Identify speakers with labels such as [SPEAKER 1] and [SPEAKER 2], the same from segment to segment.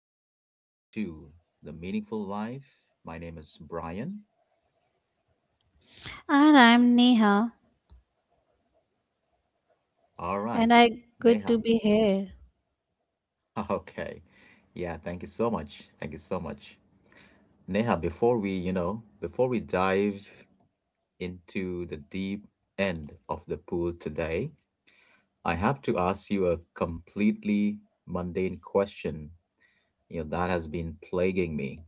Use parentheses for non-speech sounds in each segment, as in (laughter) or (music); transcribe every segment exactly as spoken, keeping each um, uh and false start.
[SPEAKER 1] You're listening to The Meaningful Life. My name is Brian.
[SPEAKER 2] And I'm Neha,
[SPEAKER 1] All
[SPEAKER 2] and
[SPEAKER 1] right.
[SPEAKER 2] I good to
[SPEAKER 1] Neha.
[SPEAKER 2] be here.
[SPEAKER 1] (laughs) Okay. Yeah, thank you so much. Thank you so much. Neha, before we, you know, before we dive into the deep end of the pool today, I have to ask you a completely mundane question, you know, that has been plaguing me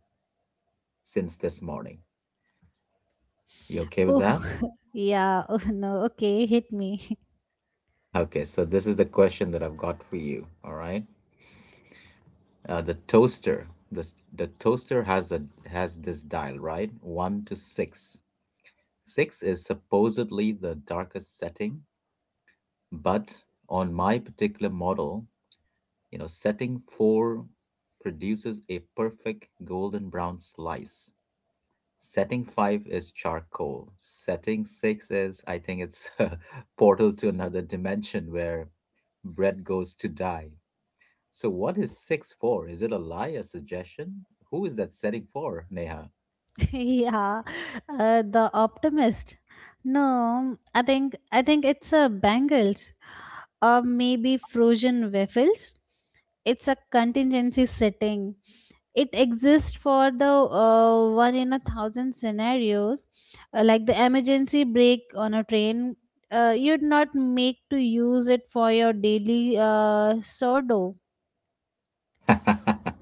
[SPEAKER 1] since this morning. You okay with
[SPEAKER 2] Oh,
[SPEAKER 1] that?
[SPEAKER 2] (laughs) yeah, oh no, okay, hit me.
[SPEAKER 1] Okay, so this is the question that I've got for you. All right, uh, the toaster, the the toaster has a has this dial, right? One to six. Six is supposedly the darkest setting, but on my particular model, you know, setting four produces a perfect golden brown slice. Setting five is charcoal. Setting six is, I think, it's (laughs) a portal to another dimension where bread goes to die. So what is six for? Is it a lie, a suggestion? Who is that setting for, Neha?
[SPEAKER 2] (laughs) Yeah, uh, the optimist. No, I think I think it's a Bengals, or maybe frozen waffles. It's a contingency setting. It exists for the uh, one in a thousand scenarios, uh, like the emergency brake on a train. Uh, you'd not make to use it for your daily uh, sourdough.
[SPEAKER 1] (laughs)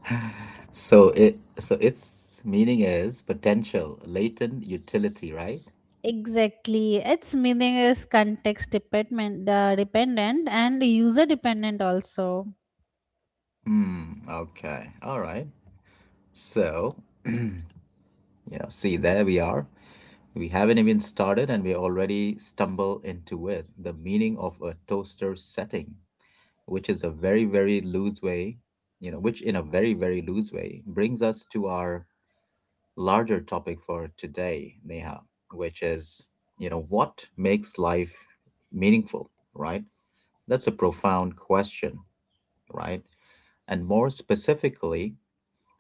[SPEAKER 1] So it so its meaning is potential, latent utility, right?
[SPEAKER 2] Exactly. Its meaning is context dependent, uh, dependent and user dependent also.
[SPEAKER 1] Hmm, okay. All right. So, (clears throat) you know, see there we are. We haven't even started and we already stumble into it. The meaning of a toaster setting, which is a very, very loose way, you know, which in a very, very loose way brings us to our larger topic for today, Neha, which is, you know, what makes life meaningful, right? That's a profound question, right? And more specifically,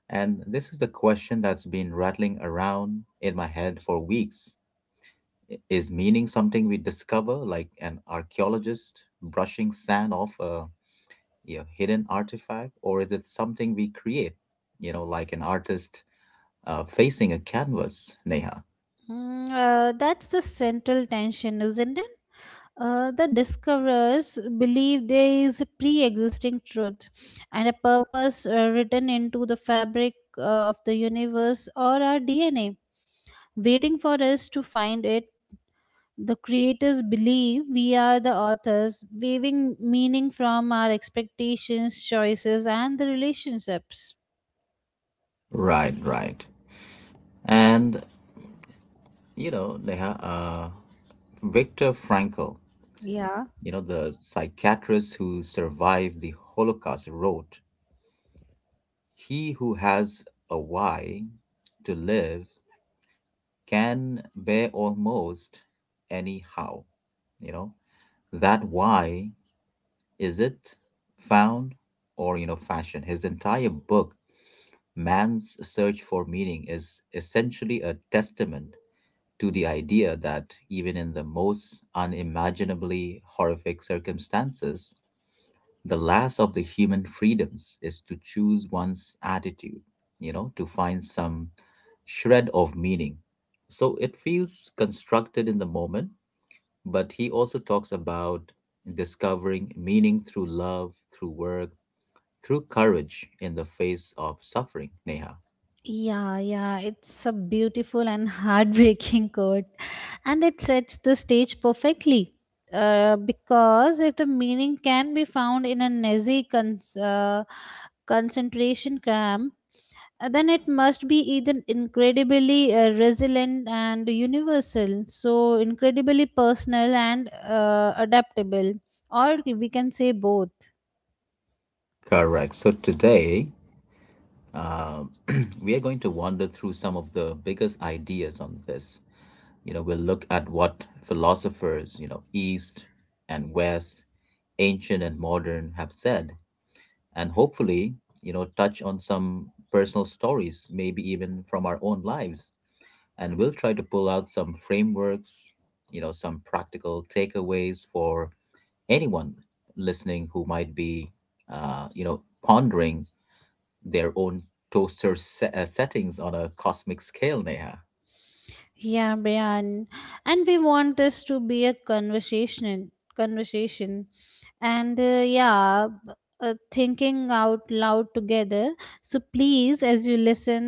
[SPEAKER 1] and this is the question that's been rattling around in my head for weeks. i- Is meaning something we discover, like an archaeologist brushing sand off a you know, hidden artifact, or is it something we create, you know, like an artist uh, facing a canvas, Neha.
[SPEAKER 2] Mm, uh, that's the central tension, isn't it? Uh, the discoverers believe there is a pre existing truth and a purpose uh, written into the fabric uh, of the universe or our D N A, waiting for us to find it. The creators believe we are the authors, weaving meaning from our expectations, choices, and the relationships.
[SPEAKER 1] Right, right. And, you know, Neha, uh, Viktor Frankl,
[SPEAKER 2] Yeah.
[SPEAKER 1] you know, the psychiatrist who survived the Holocaust, wrote, He who has a why to live can bear almost anyhow. You know, that why is it found or, you know, fashioned? His entire book Man's search for meaning is essentially a testament to the idea that even in the most unimaginably horrific circumstances, the last of the human freedoms is to choose one's attitude, you know, to find some shred of meaning. So it feels constructed in the moment, but he also talks about discovering meaning through love, through work, through courage in the face of suffering, Neha.
[SPEAKER 2] Yeah, yeah, it's a beautiful and heartbreaking (laughs) quote, and it sets the stage perfectly. Uh, because if the meaning can be found in a noisy cons- uh, concentration camp, uh, then it must be either incredibly uh, resilient and universal, so incredibly personal and uh, adaptable, or we can say both.
[SPEAKER 1] Correct. So today, uh, (clears throat) we are going to wander through some of the biggest ideas on this. You know, we'll look at what philosophers, you know, East and West, ancient and modern, have said and hopefully, you know, touch on some personal stories, maybe even from our own lives. And we'll try to pull out some frameworks, you know, some practical takeaways for anyone listening who might be, uh, you know, pondering their own toaster se- uh, settings on a cosmic scale, Neha.
[SPEAKER 2] Yeah, Brian, and we want this to be a conversation, conversation, and uh, yeah. b- Uh, Thinking out loud together. So, please, as you listen,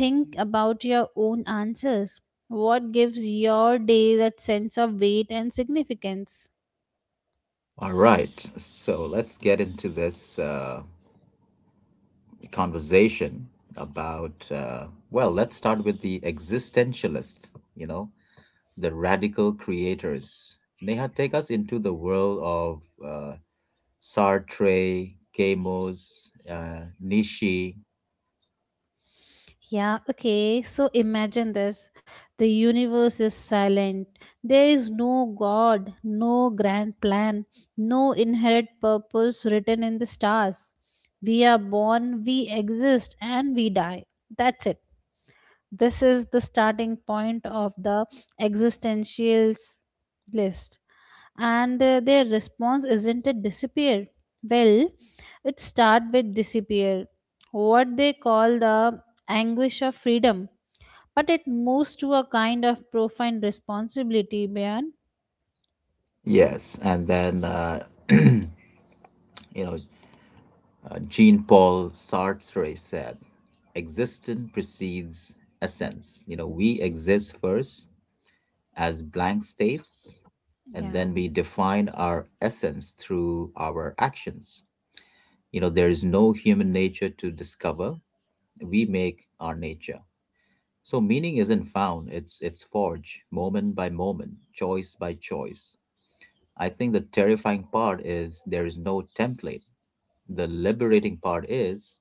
[SPEAKER 2] think about your own answers. What gives your day that sense of weight and significance?
[SPEAKER 1] All right, so let's get into this uh, conversation about, uh, well, let's start with the existentialist, you know, the radical creators. Neha, take us into the world of uh, Sartre, Camus, uh, Nishi.
[SPEAKER 2] Yeah, okay. So imagine this. The universe is silent. There is no God, no grand plan, no inherent purpose written in the stars. We are born, we exist, and we die. That's it. This is the starting point of the existentials list. And uh, their response isn't it disappear. Well, it start with disappear, what they call the anguish of freedom. But it moves to a kind of profound responsibility, Beyond.
[SPEAKER 1] Yes, and then, uh, you know, uh, Jean Paul Sartre said, existence precedes essence. You know, we exist first as blank states, and
[SPEAKER 2] Yeah.
[SPEAKER 1] then we define our essence through our actions. You know, there is no human nature to discover, we make our nature. So meaning isn't found, it's it's forged moment by moment, choice by choice. I think the terrifying part is there is no template. The liberating part is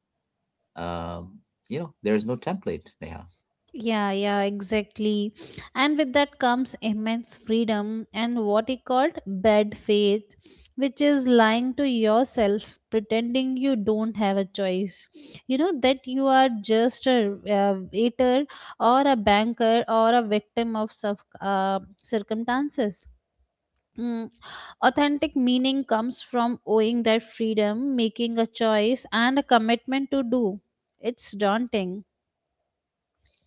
[SPEAKER 1] um, you know, there is no template, Neha.
[SPEAKER 2] Yeah, yeah, exactly. And with that comes immense freedom and what he called bad faith, which is lying to yourself, pretending you don't have a choice. You know, that you are just a uh, waiter or a banker or a victim of circ- uh, circumstances. Mm. Authentic meaning comes from owing that freedom, making a choice, and a commitment to do. It's daunting.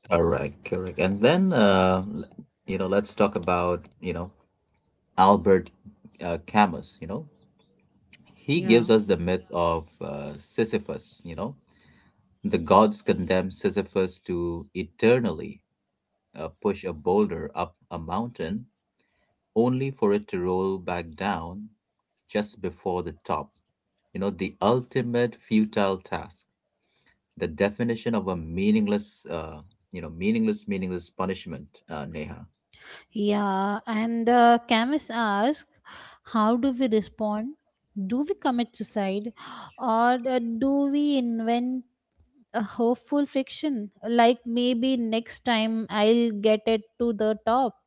[SPEAKER 1] Correct, correct. And then uh, l- you know, let's talk about, you know, Albert uh, Camus, you know. He
[SPEAKER 2] Yeah.
[SPEAKER 1] gives us the myth of uh, Sisyphus, you know. The gods condemn Sisyphus to eternally uh, push a boulder up a mountain only for it to roll back down just before the top. You know, the ultimate futile task, the definition of a meaningless, uh, you know, meaningless, meaningless punishment, uh, Neha.
[SPEAKER 2] Yeah, and the chemist asks, how do we respond? Do we commit suicide or uh, do we invent a hopeful fiction? Like maybe next time I'll get it to the top.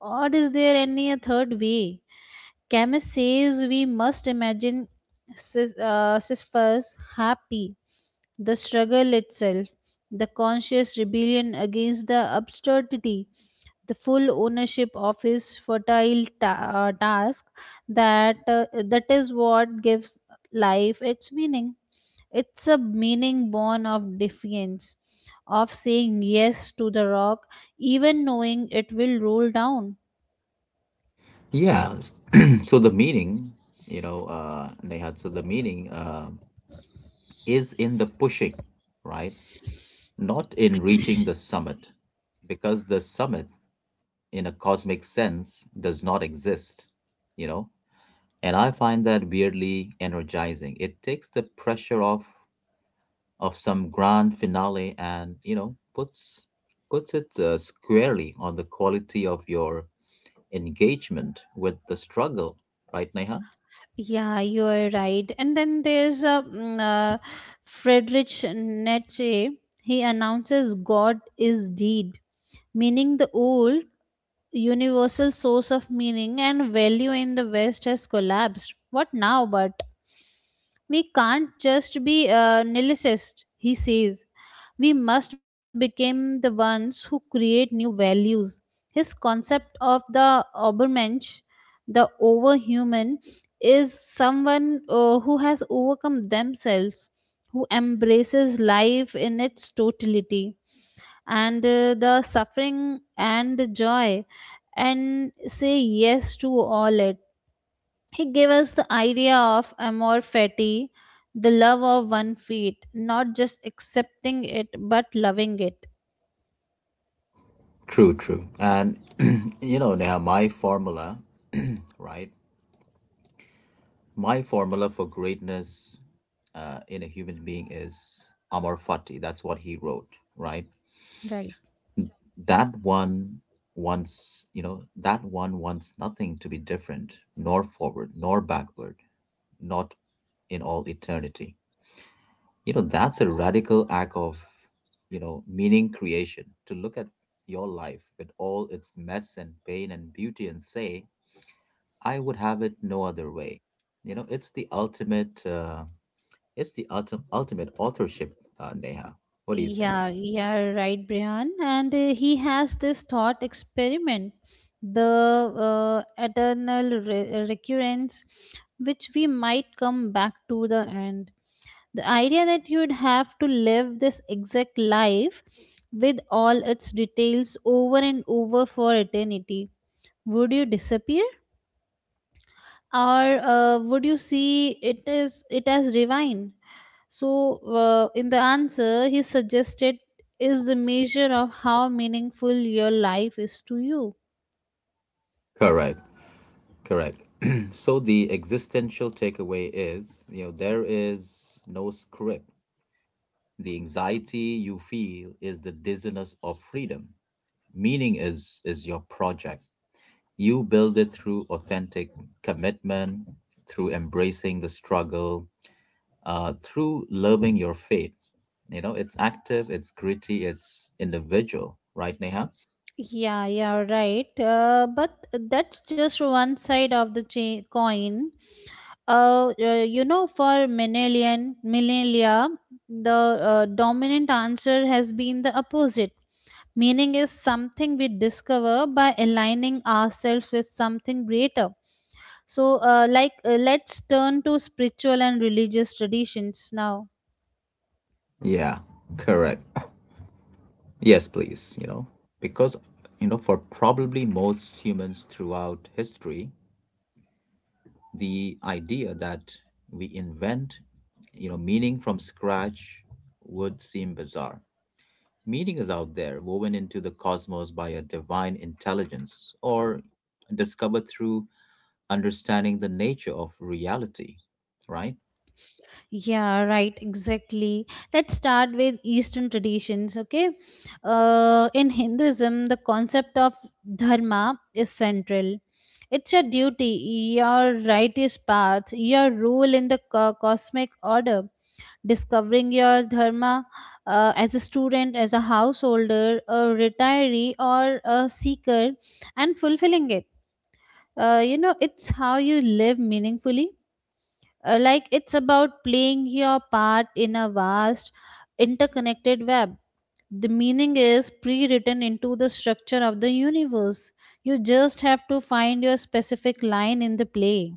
[SPEAKER 2] Or is there any a third way? Camus says we must imagine Sis- uh, Sisyphus happy, the struggle itself, the conscious rebellion against the absurdity, the full ownership of his fertile ta- uh, task, that uh, that is what gives life its meaning. It's a meaning born of defiance, of saying yes to the rock, even knowing it will roll down.
[SPEAKER 1] Yeah. s- (clears throat) so the meaning, you know, uh, Neha, so the meaning uh, is in the pushing, right? Not in reaching the summit, because the summit, in a cosmic sense, does not exist, you know. And I find that weirdly energizing. It takes the pressure off of some grand finale and, you know, puts puts it uh, squarely on the quality of your engagement with the struggle, right, Neha?
[SPEAKER 2] Yeah, you are right. And then there's a mm, uh, Friedrich Nietzsche. He announces God is deed, meaning the old universal source of meaning and value in the West has collapsed. What now? But we can't just be uh, nihilists, he says. We must become the ones who create new values. His concept of the Obermensch, the overhuman, is someone uh, who has overcome themselves, who embraces life in its totality and uh, the suffering and the joy, and say yes to all it. He gave us the idea of amor fati, the love of one feet, not just accepting it but loving it.
[SPEAKER 1] True, true. And (clears throat) you know, Neha, my formula, (clears throat) right? My formula for greatness uh, in a human being is Amor Fati. That's what he wrote, right?
[SPEAKER 2] Right.
[SPEAKER 1] That one wants, you know, that one wants nothing to be different, nor forward, nor backward, not in all eternity. You know, that's a radical act of, you know, meaning creation to look at your life with all its mess and pain and beauty and say, I would have it no other way. You know, it's the ultimate. Uh, It's the ultim- ultimate authorship, uh, Neha. What do you think?
[SPEAKER 2] Yeah, yeah, right, Brian. And uh, he has this thought experiment, the uh, eternal re- recurrence, which we might come back to the end. The idea that you'd have to live this exact life with all its details over and over for eternity. Would you disappear? Or uh, would you see it is it as divine? So uh, in the answer he suggested is the measure of how meaningful your life is to you.
[SPEAKER 1] Correct, correct. (clears throat) so the existential takeaway is, you know, there is no script. The anxiety you feel is the dizziness of freedom. Meaning is is your project. You build it through authentic commitment, through embracing the struggle, uh, through loving your fate. You know, it's active, it's gritty, it's individual, right, Neha?
[SPEAKER 2] Yeah, yeah, right, uh, but that's just one side of the cha- coin. Uh, uh, you know for millennial millennia, the uh, dominant answer has been the opposite. Meaning is something we discover by aligning ourselves with something greater. So, uh, like, uh, let's turn to spiritual and religious traditions now.
[SPEAKER 1] Yeah, correct. Yes, please, you know, because, you know, for probably most humans throughout history, the idea that we invent, you know, meaning from scratch would seem bizarre. Meaning is out there, woven into the cosmos by a divine intelligence or discovered through understanding the nature of reality, right?
[SPEAKER 2] Yeah, right, exactly. Let's start with Eastern traditions, okay? Uh, in Hinduism, the concept of dharma is central. It's your duty, your righteous path, your role in the co- cosmic order. Discovering your dharma, uh, as a student, as a householder, a retiree, or a seeker, and fulfilling it uh, you know it's how you live meaningfully. Uh, like, it's about playing your part in a vast interconnected web. The meaning is pre-written into the structure of the universe. You just have to find your specific line in the play.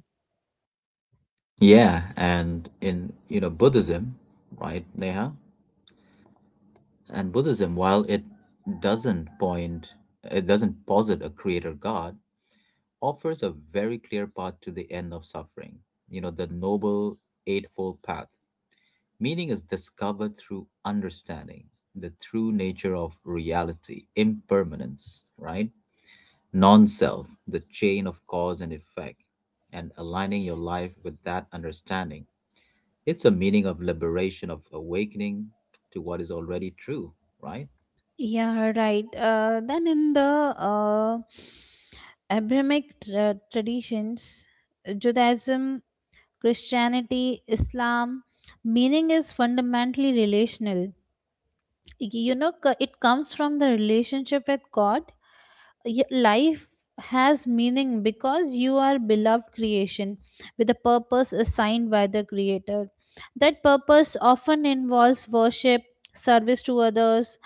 [SPEAKER 1] Yeah, and in, you know, Buddhism, right, Neha? And Buddhism, while it doesn't point, it doesn't posit a creator god, offers a very clear path to the end of suffering. You know, the noble eightfold path. Meaning is discovered through understanding the true nature of reality, impermanence, right? Non self, the chain of cause and effect, and aligning your life with that understanding. It's a meaning of liberation, of awakening to what is already true, right?
[SPEAKER 2] Yeah, right. Uh, then in the uh, Abrahamic tra- traditions, Judaism, Christianity, Islam, meaning is fundamentally relational. You know c- it comes from the relationship with God. Y- life has meaning because you are beloved creation with a purpose assigned by the creator. That purpose often involves worship, service to others,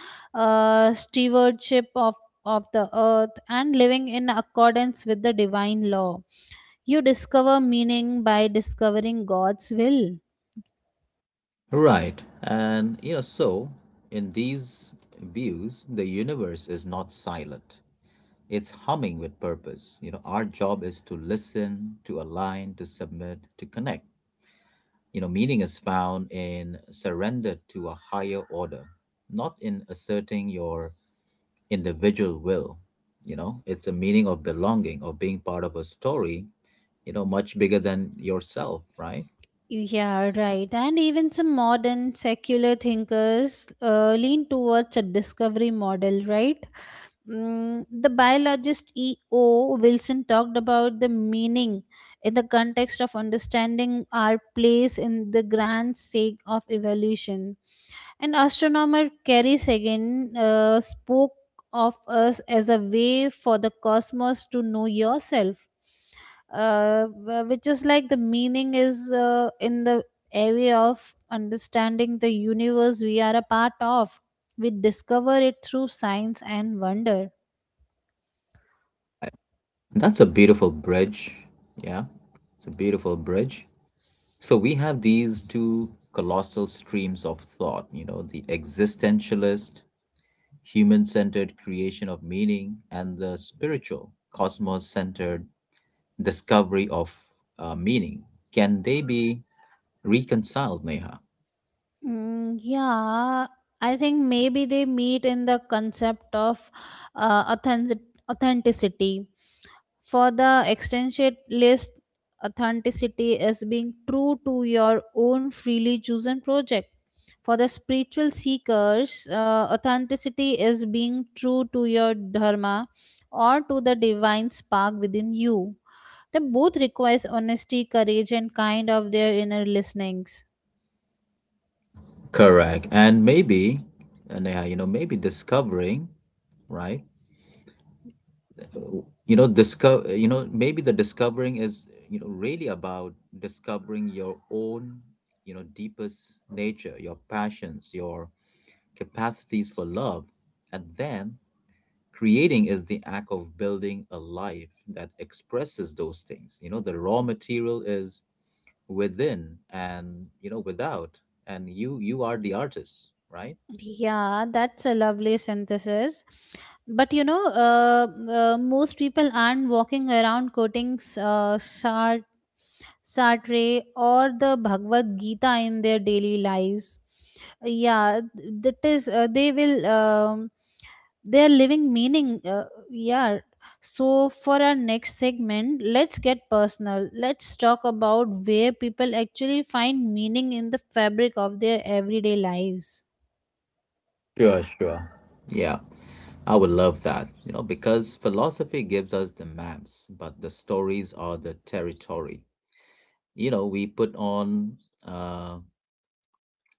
[SPEAKER 2] uh, stewardship of of the earth, and living in accordance with the divine law. You discover meaning by discovering God's will.
[SPEAKER 1] Right. And you know, so in these views, the universe is not silent. It's humming with purpose. You know, our job is to listen, to align, to submit, to connect. You know, meaning is found in surrender to a higher order, not in asserting your individual will. You know, it's a meaning of belonging, of being part of a story, you know, much bigger than yourself, right?
[SPEAKER 2] Yeah, right. And even some modern secular thinkers uh, lean towards a discovery model, right? Mm, the biologist E O. Wilson talked about the meaning in the context of understanding our place in the grand sake of evolution. And astronomer Carrie Sagan uh, spoke of us as a way for the cosmos to know yourself, uh, wh- which is like the meaning is uh, in the area of understanding the universe we are a part of. We discover it through science and wonder.
[SPEAKER 1] That's a beautiful bridge. Yeah, it's a beautiful bridge. So we have these two colossal streams of thought, you know, the existentialist, human centered creation of meaning, and the spiritual, cosmos centered discovery of uh, meaning. Can they be reconciled, Neha?
[SPEAKER 2] Mm, yeah, I think maybe they meet in the concept of uh, authentic- authenticity. For the extension list, authenticity is being true to your own freely chosen project. For the spiritual seekers, uh, authenticity is being true to your dharma or to the divine spark within you. They both requires honesty, courage, and kind of their inner listenings.
[SPEAKER 1] Correct. And maybe, uh, Neha, you know, maybe discovering, right? you know discover you know maybe the discovering is you know really about discovering your own you know deepest nature your passions your capacities for love and then creating is the act of building a life that expresses those things you know the raw material is within and you know without and you you are the artist right.
[SPEAKER 2] Yeah, that's a lovely synthesis. But you know, uh, uh, most people aren't walking around quoting uh, Sart- Sartre or the Bhagavad Gita in their daily lives. Yeah, th- that is, uh, they will, um, they are living meaning. Uh, yeah. So, for our next segment, let's get personal. Let's talk about where people actually find meaning in the fabric of their everyday lives.
[SPEAKER 1] Sure, sure. Yeah, I would love that, you know, because philosophy gives us the maps, but the stories are the territory. You know, we put on, uh,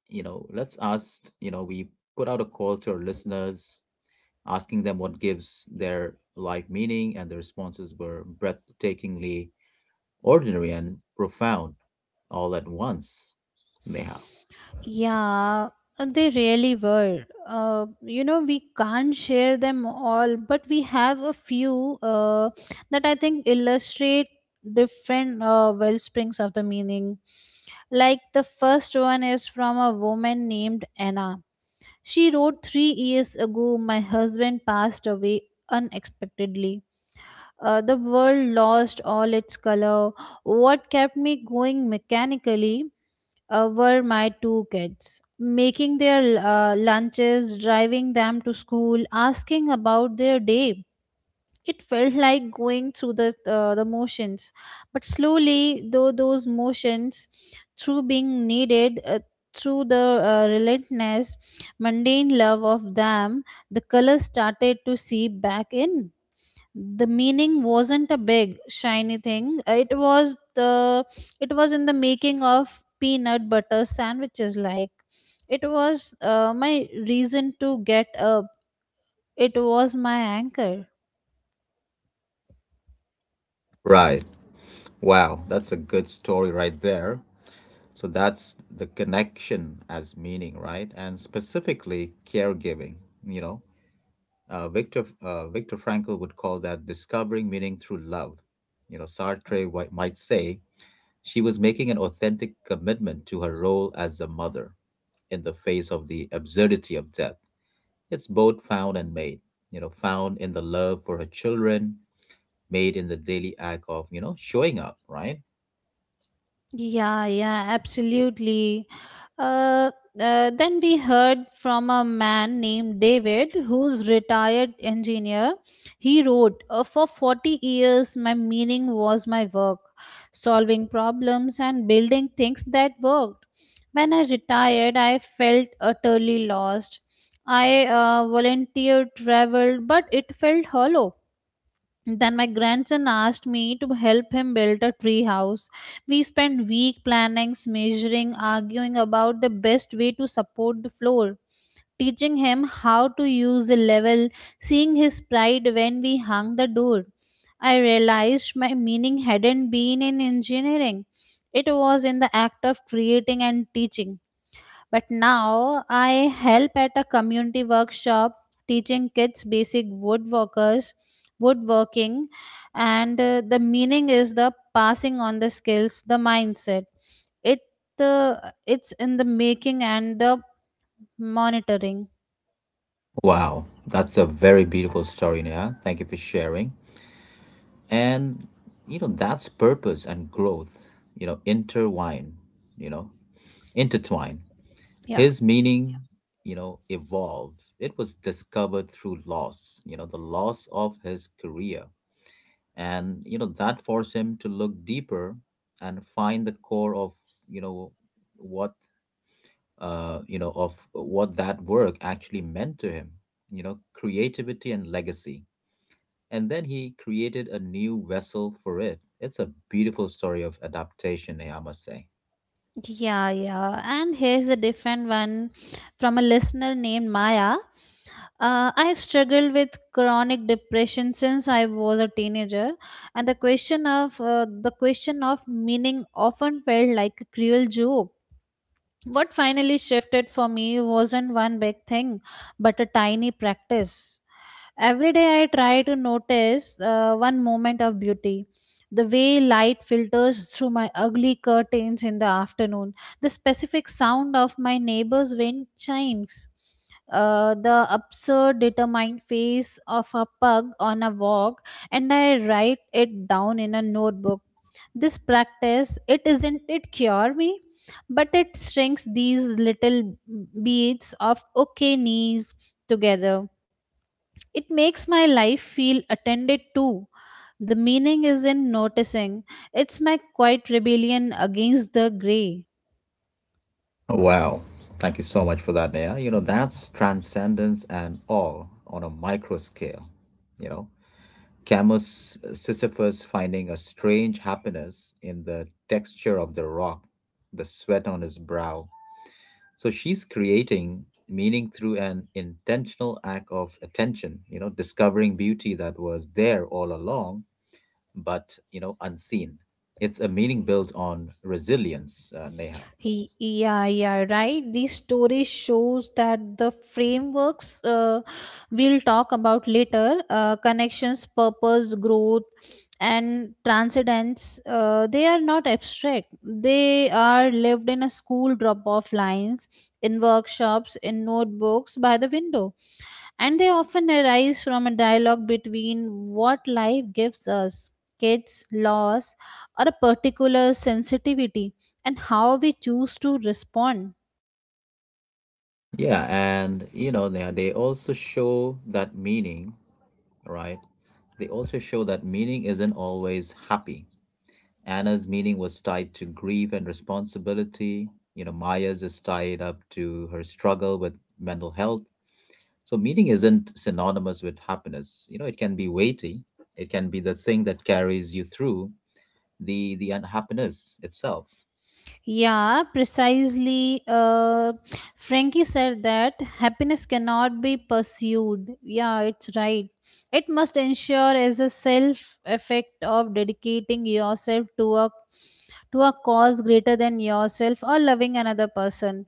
[SPEAKER 1] you know, let's ask, you know, we put out a call to our listeners, asking them what gives their life meaning, and the responses were breathtakingly ordinary and profound all at once. Neha.
[SPEAKER 2] Yeah, they really were. Uh, you know, we can't share them all, but we have a few uh, that I think illustrate different uh, well springs of the meaning. Like the first one is from a woman named Anna. She wrote three years ago, my husband passed away unexpectedly. Uh, the world lost all its color. What kept me going mechanically uh, were my two kids. Making their uh, lunches, driving them to school, asking about their day. It felt like going through the, uh, the motions. But slowly, though those motions, through being needed, uh, through the uh, relentless, mundane love of them, the colors started to seep back in. The meaning wasn't a big shiny thing. It was the it was in the making of peanut butter sandwiches. Like, it was uh, my reason to get up. It was my anchor.
[SPEAKER 1] Right. Wow. That's a good story right there. So that's the connection as meaning, right? And specifically caregiving, you know. Uh, Victor uh, Victor Frankl would call that discovering meaning through love. You know, Sartre wi- might say she was making an authentic commitment to her role as a mother in the face of the absurdity of death. It's both found and made, you know, found in the love for her children, made in the daily act of, you know, showing up, right?
[SPEAKER 2] Yeah, yeah, absolutely. Uh, uh, then we heard from a man named David, who's retired engineer. He wrote, uh, "For forty years, my meaning was my work, solving problems and building things that worked. When I retired, I felt utterly lost. I uh, volunteered, traveled, but it felt hollow. Then my grandson asked me to help him build a tree house. We spent week planning, measuring, arguing about the best way to support the floor, teaching him how to use the level, seeing his pride when we hung the door. I realized my meaning hadn't been in engineering. It was in the act of creating and teaching. But now I help at a community workshop teaching kids basic woodworkers, woodworking, and uh, the meaning is the passing on the skills, the mindset. It uh, it's in the making and the monitoring.
[SPEAKER 1] Wow, that's a very beautiful story, Neha. Thank you for sharing. And, you know, that's purpose and growth, you know, intertwine, you know, intertwine.
[SPEAKER 2] Yeah.
[SPEAKER 1] His Yeah. meaning, you know, evolved. It was discovered through loss, you know, the loss of his career. And, you know, that forced him to look deeper and find the core of, you know, what, uh, you know, of what that work actually meant to him, you know, creativity and legacy and then he created a new vessel for it. It's a beautiful story of adaptation, Neha, I must say.
[SPEAKER 2] Yeah, yeah. And here's a different one from a listener named Maya. Uh, I've struggled with chronic depression since I was a teenager, and the question of uh, the question of meaning often felt like a cruel joke. What finally shifted for me wasn't one big thing, but a tiny practice. Every day I try to notice uh, one moment of beauty. The way light filters through my ugly curtains in the afternoon, the specific sound of my neighbor's wind chimes, uh, the absurd, determined face of a pug on a walk, and I write it down in a notebook. This practice, it isn't it cure me, but it strings these little beads of okay knees together. It makes my life feel attended to. The meaning is in noticing. It's my quiet rebellion against the gray.
[SPEAKER 1] Wow. Thank you so much for that, Neha. You know, that's transcendence and all on a micro scale. You know, Camus Sisyphus finding a strange happiness in the texture of the rock, the sweat on his brow. So she's creating meaning through an intentional act of attention, you know, discovering beauty that was there all along but you know unseen. It's a meaning built on resilience, uh, Neha.
[SPEAKER 2] He, yeah, yeah, right. These stories shows that the frameworks uh, we'll talk about later, uh, connections, purpose, growth, and transcendence. Uh, they are not abstract. They are lived in a school drop-off lines, in workshops, in notebooks by the window, and they often arise from a dialogue between what life gives us, kids, loss, or a particular sensitivity, and how we choose to respond.
[SPEAKER 1] Yeah, and you know, Neha, they also show that meaning, right? They also show that meaning isn't always happy. Anna's meaning was tied to grief and responsibility. You know, Maya's is tied up to her struggle with mental health. So, meaning isn't synonymous with happiness. You know, it can be weighty, it can be the thing that carries you through the the unhappiness itself.
[SPEAKER 2] Yeah, precisely. Uh, Frankie said that happiness cannot be pursued. Yeah, it's right. It must ensure as a self effect of dedicating yourself to a to a cause greater than yourself or loving another person.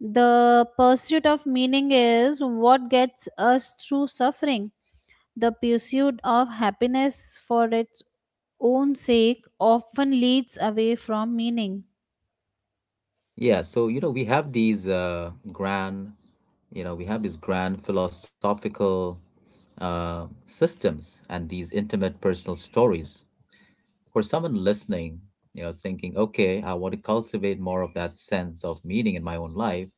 [SPEAKER 2] The pursuit of meaning is what gets us through suffering. The pursuit of happiness for its own sake often leads away from meaning.
[SPEAKER 1] Yeah, so you know we have these uh, grand, you know, we have these grand philosophical uh, systems and these intimate personal stories for someone listening. You know, thinking, okay, I want to cultivate more of that sense of meaning in my own life.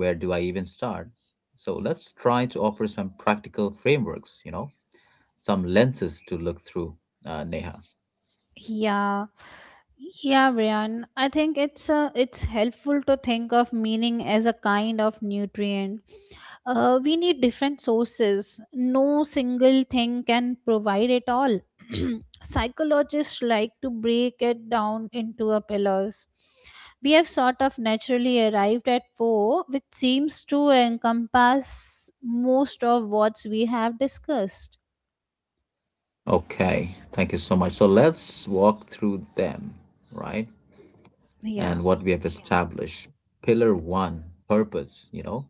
[SPEAKER 1] Where do I even start? So let's try to offer some practical frameworks, you know, some lenses to look through, uh, Neha.
[SPEAKER 2] Yeah. Yeah, Brian. I think it's uh, it's helpful to think of meaning as a kind of nutrient. Uh, we need different sources. No single thing can provide it all. (clears throat) Psychologists like to break it down into a pillars. We have sort of naturally arrived at four, which seems to encompass most of what we have discussed.
[SPEAKER 1] Okay, thank you so much. So let's walk through them, right?
[SPEAKER 2] Yeah.
[SPEAKER 1] And what we have established. Pillar one, purpose, you know,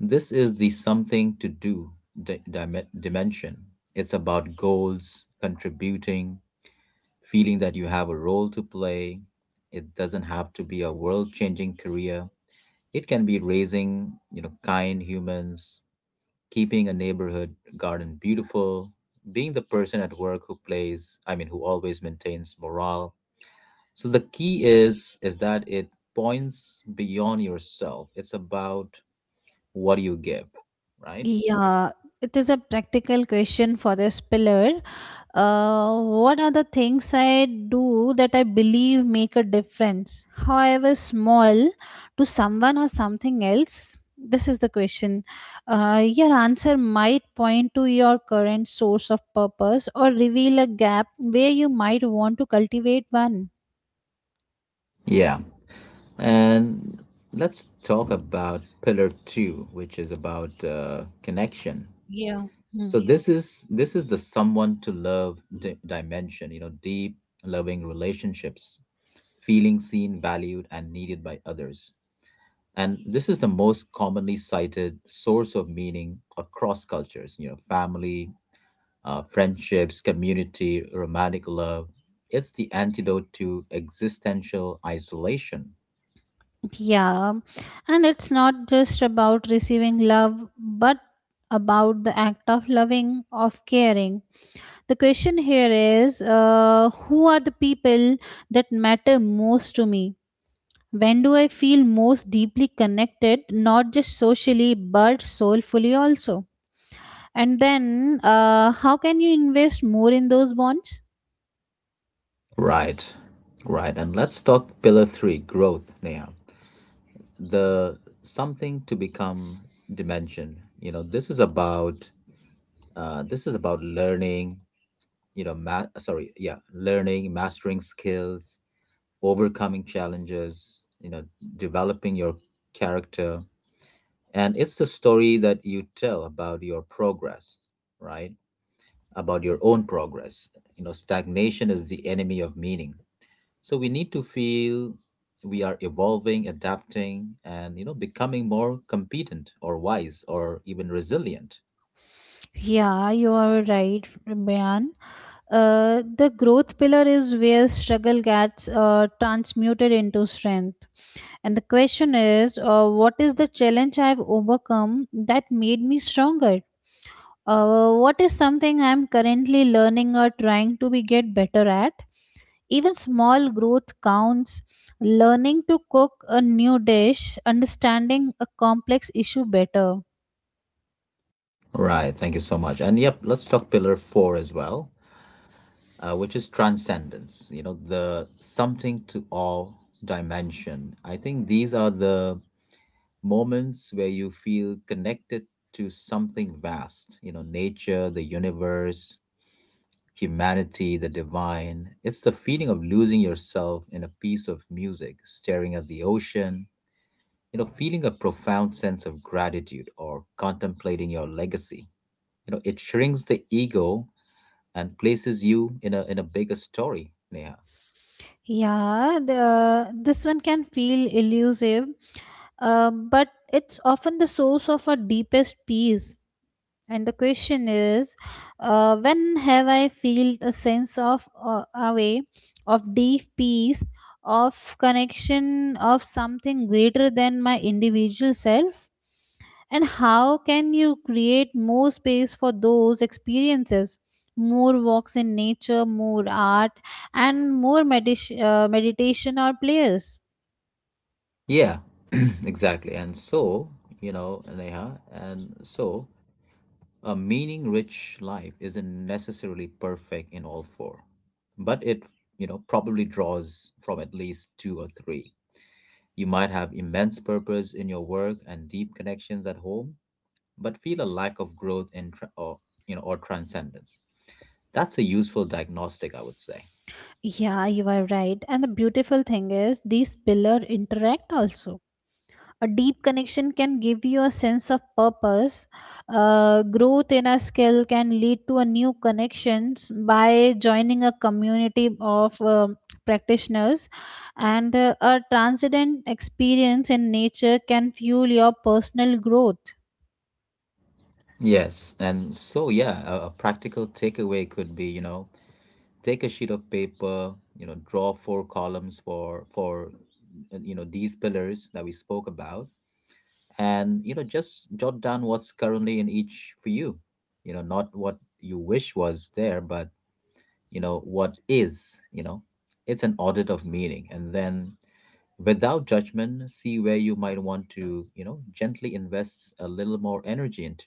[SPEAKER 1] this is the something to do di- dime- dimension. It's about goals, contributing, feeling that you have a role to play. It doesn't have to be a world changing career. It can be raising, you know, kind humans, keeping a neighborhood garden beautiful, being the person at work who plays, I mean, who always maintains morale. So the key is is that it points beyond yourself. It's about what you give, right?
[SPEAKER 2] Yeah, it is a practical question for this pillar. Uh, what are the things I do that I believe make a difference, however small, to someone or something else? This is the question. Uh, your answer might point to your current source of purpose or reveal a gap where you might want to cultivate one.
[SPEAKER 1] Yeah. And let's talk about pillar two, which is about uh, connection.
[SPEAKER 2] Yeah.
[SPEAKER 1] So this is this is the someone to love di- dimension, you know, deep loving relationships, feeling seen, valued and needed by others. And this is the most commonly cited source of meaning across cultures, you know, family, uh, friendships, community, romantic love. It's the antidote to existential isolation.
[SPEAKER 2] Yeah, and it's not just about receiving love, but about the act of loving, of caring. The question here is uh, who are the people that matter most to me? When do I feel most deeply connected, not just socially, but soulfully also? And then, uh, how can you invest more in those bonds?
[SPEAKER 1] Right. Right. And let's talk pillar three, growth, Neha. The something to become dimension, you know, this is about uh, this is about learning, you know, ma- sorry yeah learning, mastering skills, overcoming challenges, you know, developing your character. And it's the story that you tell about your progress, right? About your own progress. You know, stagnation is the enemy of meaning, so we need to feel we are evolving, adapting, and you know, becoming more competent or wise or even resilient.
[SPEAKER 2] Yeah, you are right, Brian. Uh, the growth pillar is where struggle gets uh, transmuted into strength. And the question is, uh, what is the challenge I've overcome that made me stronger? Uh, what is something I'm currently learning or trying to be get better at? Even small growth counts. Learning to cook a new dish, understanding a complex issue better.
[SPEAKER 1] Right. Thank you so much. And yep, let's talk pillar four as well, uh, which is transcendence. You know, the something to all dimension. I think these are the moments where you feel connected to something vast, you know, nature, the universe, humanity, the divine. It's the feeling of losing yourself in a piece of music, staring at the ocean, you know, feeling a profound sense of gratitude or contemplating your legacy. You know, it shrinks the ego and places you in a in a bigger story, Neha.
[SPEAKER 2] Yeah, the, this one can feel elusive, uh, but it's often the source of our deepest peace. And the question is, uh, when have I felt a sense of uh, away, of deep peace, of connection, of something greater than my individual self? And how can you create more space for those experiences? More walks in nature, more art, and more medis- uh, meditation or players.
[SPEAKER 1] Yeah, (clears throat) exactly. And so, you know, Neha, and so a meaning rich life isn't necessarily perfect in all four, but it, you know, probably draws from at least two or three. You might have immense purpose in your work and deep connections at home, but feel a lack of growth and tra- or, you know, or transcendence. That's a useful diagnostic, I would say.
[SPEAKER 2] Yeah, you are right. And the beautiful thing is, these pillars interact also. A deep connection can give you a sense of purpose. Uh, growth in a skill can lead to a new connections by joining a community of um practitioners, and uh, a transcendent experience in nature can fuel your personal growth.
[SPEAKER 1] Yes, and so yeah, a, a practical takeaway could be, you know, take a sheet of paper, you know, draw four columns for for uh, you know, these pillars that we spoke about, and you know, just jot down what's currently in each for you. You know, not what you wish was there, but you know, what is. You know, it's an audit of meaning, and then without judgment, see where you might want to, you know, gently invest a little more energy into.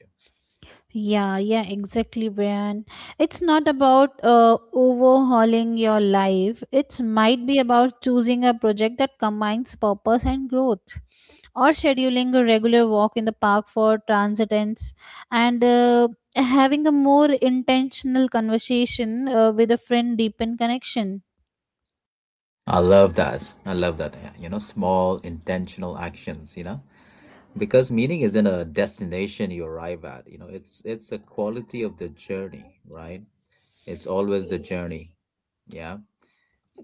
[SPEAKER 2] Yeah, yeah, exactly, Brian. It's not about uh, overhauling your life. It's might be about choosing a project that combines purpose and growth, or scheduling a regular walk in the park for transitants, and uh, having a more intentional conversation uh, with a friend, deepen connection.
[SPEAKER 1] I love that i love that yeah. You know, small intentional actions, you know, because meaning isn't a destination you arrive at. You know, it's it's a quality of the journey, right? It's always the journey. Yeah.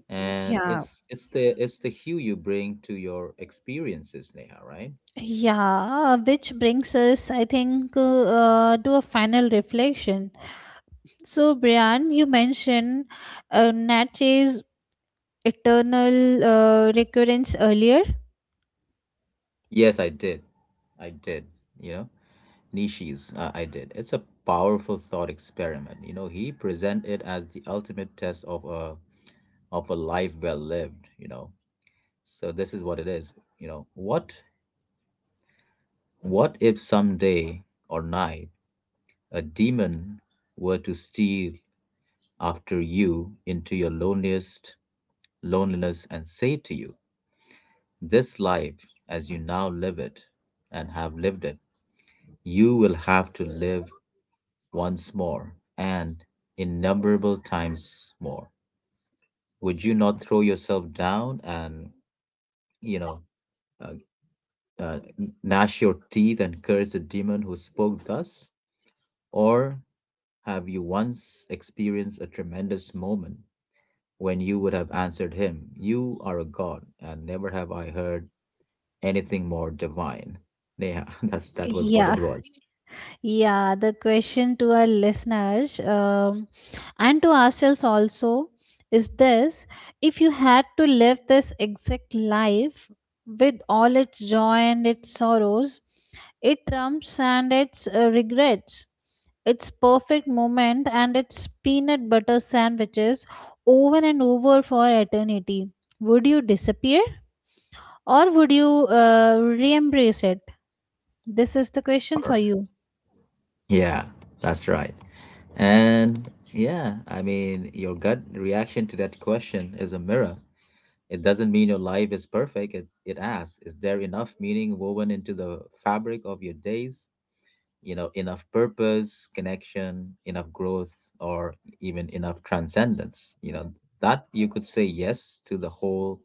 [SPEAKER 1] And
[SPEAKER 2] Yeah.
[SPEAKER 1] it's it's the it's the hue you bring to your experiences, Neha, right?
[SPEAKER 2] Yeah, which brings us, I think, uh, uh, to a final reflection. So, Brian, you mentioned uh, Natchez eternal uh, recurrence earlier?
[SPEAKER 1] Yes, I did. I did. You know, Nishi's uh, I did, it's a powerful thought experiment. You know, he presented it as the ultimate test of a of a life well lived. You know, so this is what it is. You know what? What if some day or night a demon were to steal after you into your loneliest loneliness and say to you, this life as you now live it and have lived it, you will have to live once more and innumerable times more. Would you not throw yourself down and, you know, uh, uh, gnash your teeth and curse the demon who spoke thus? Or have you once experienced a tremendous moment when you would have answered him, you are a god, and never have I heard anything more divine? Yeah, (laughs) that's that was what
[SPEAKER 2] Yeah,
[SPEAKER 1] it was.
[SPEAKER 2] yeah. The question to our listeners, um, and to ourselves also, is this: if you had to live this exact life with all its joy and its sorrows, its trumps and its uh, regrets, its perfect moment and its peanut butter sandwiches over and over for eternity, would you disappear? Or would you uh, re embrace it? This is the question for
[SPEAKER 1] Or-
[SPEAKER 2] you.
[SPEAKER 1] Yeah, that's right. And yeah, I mean, your gut reaction to that question is a mirror. It doesn't mean your life is perfect. It, it asks, is there enough meaning woven into the fabric of your days? You know, enough purpose, connection, enough growth, or even enough transcendence, you know, that you could say yes to the whole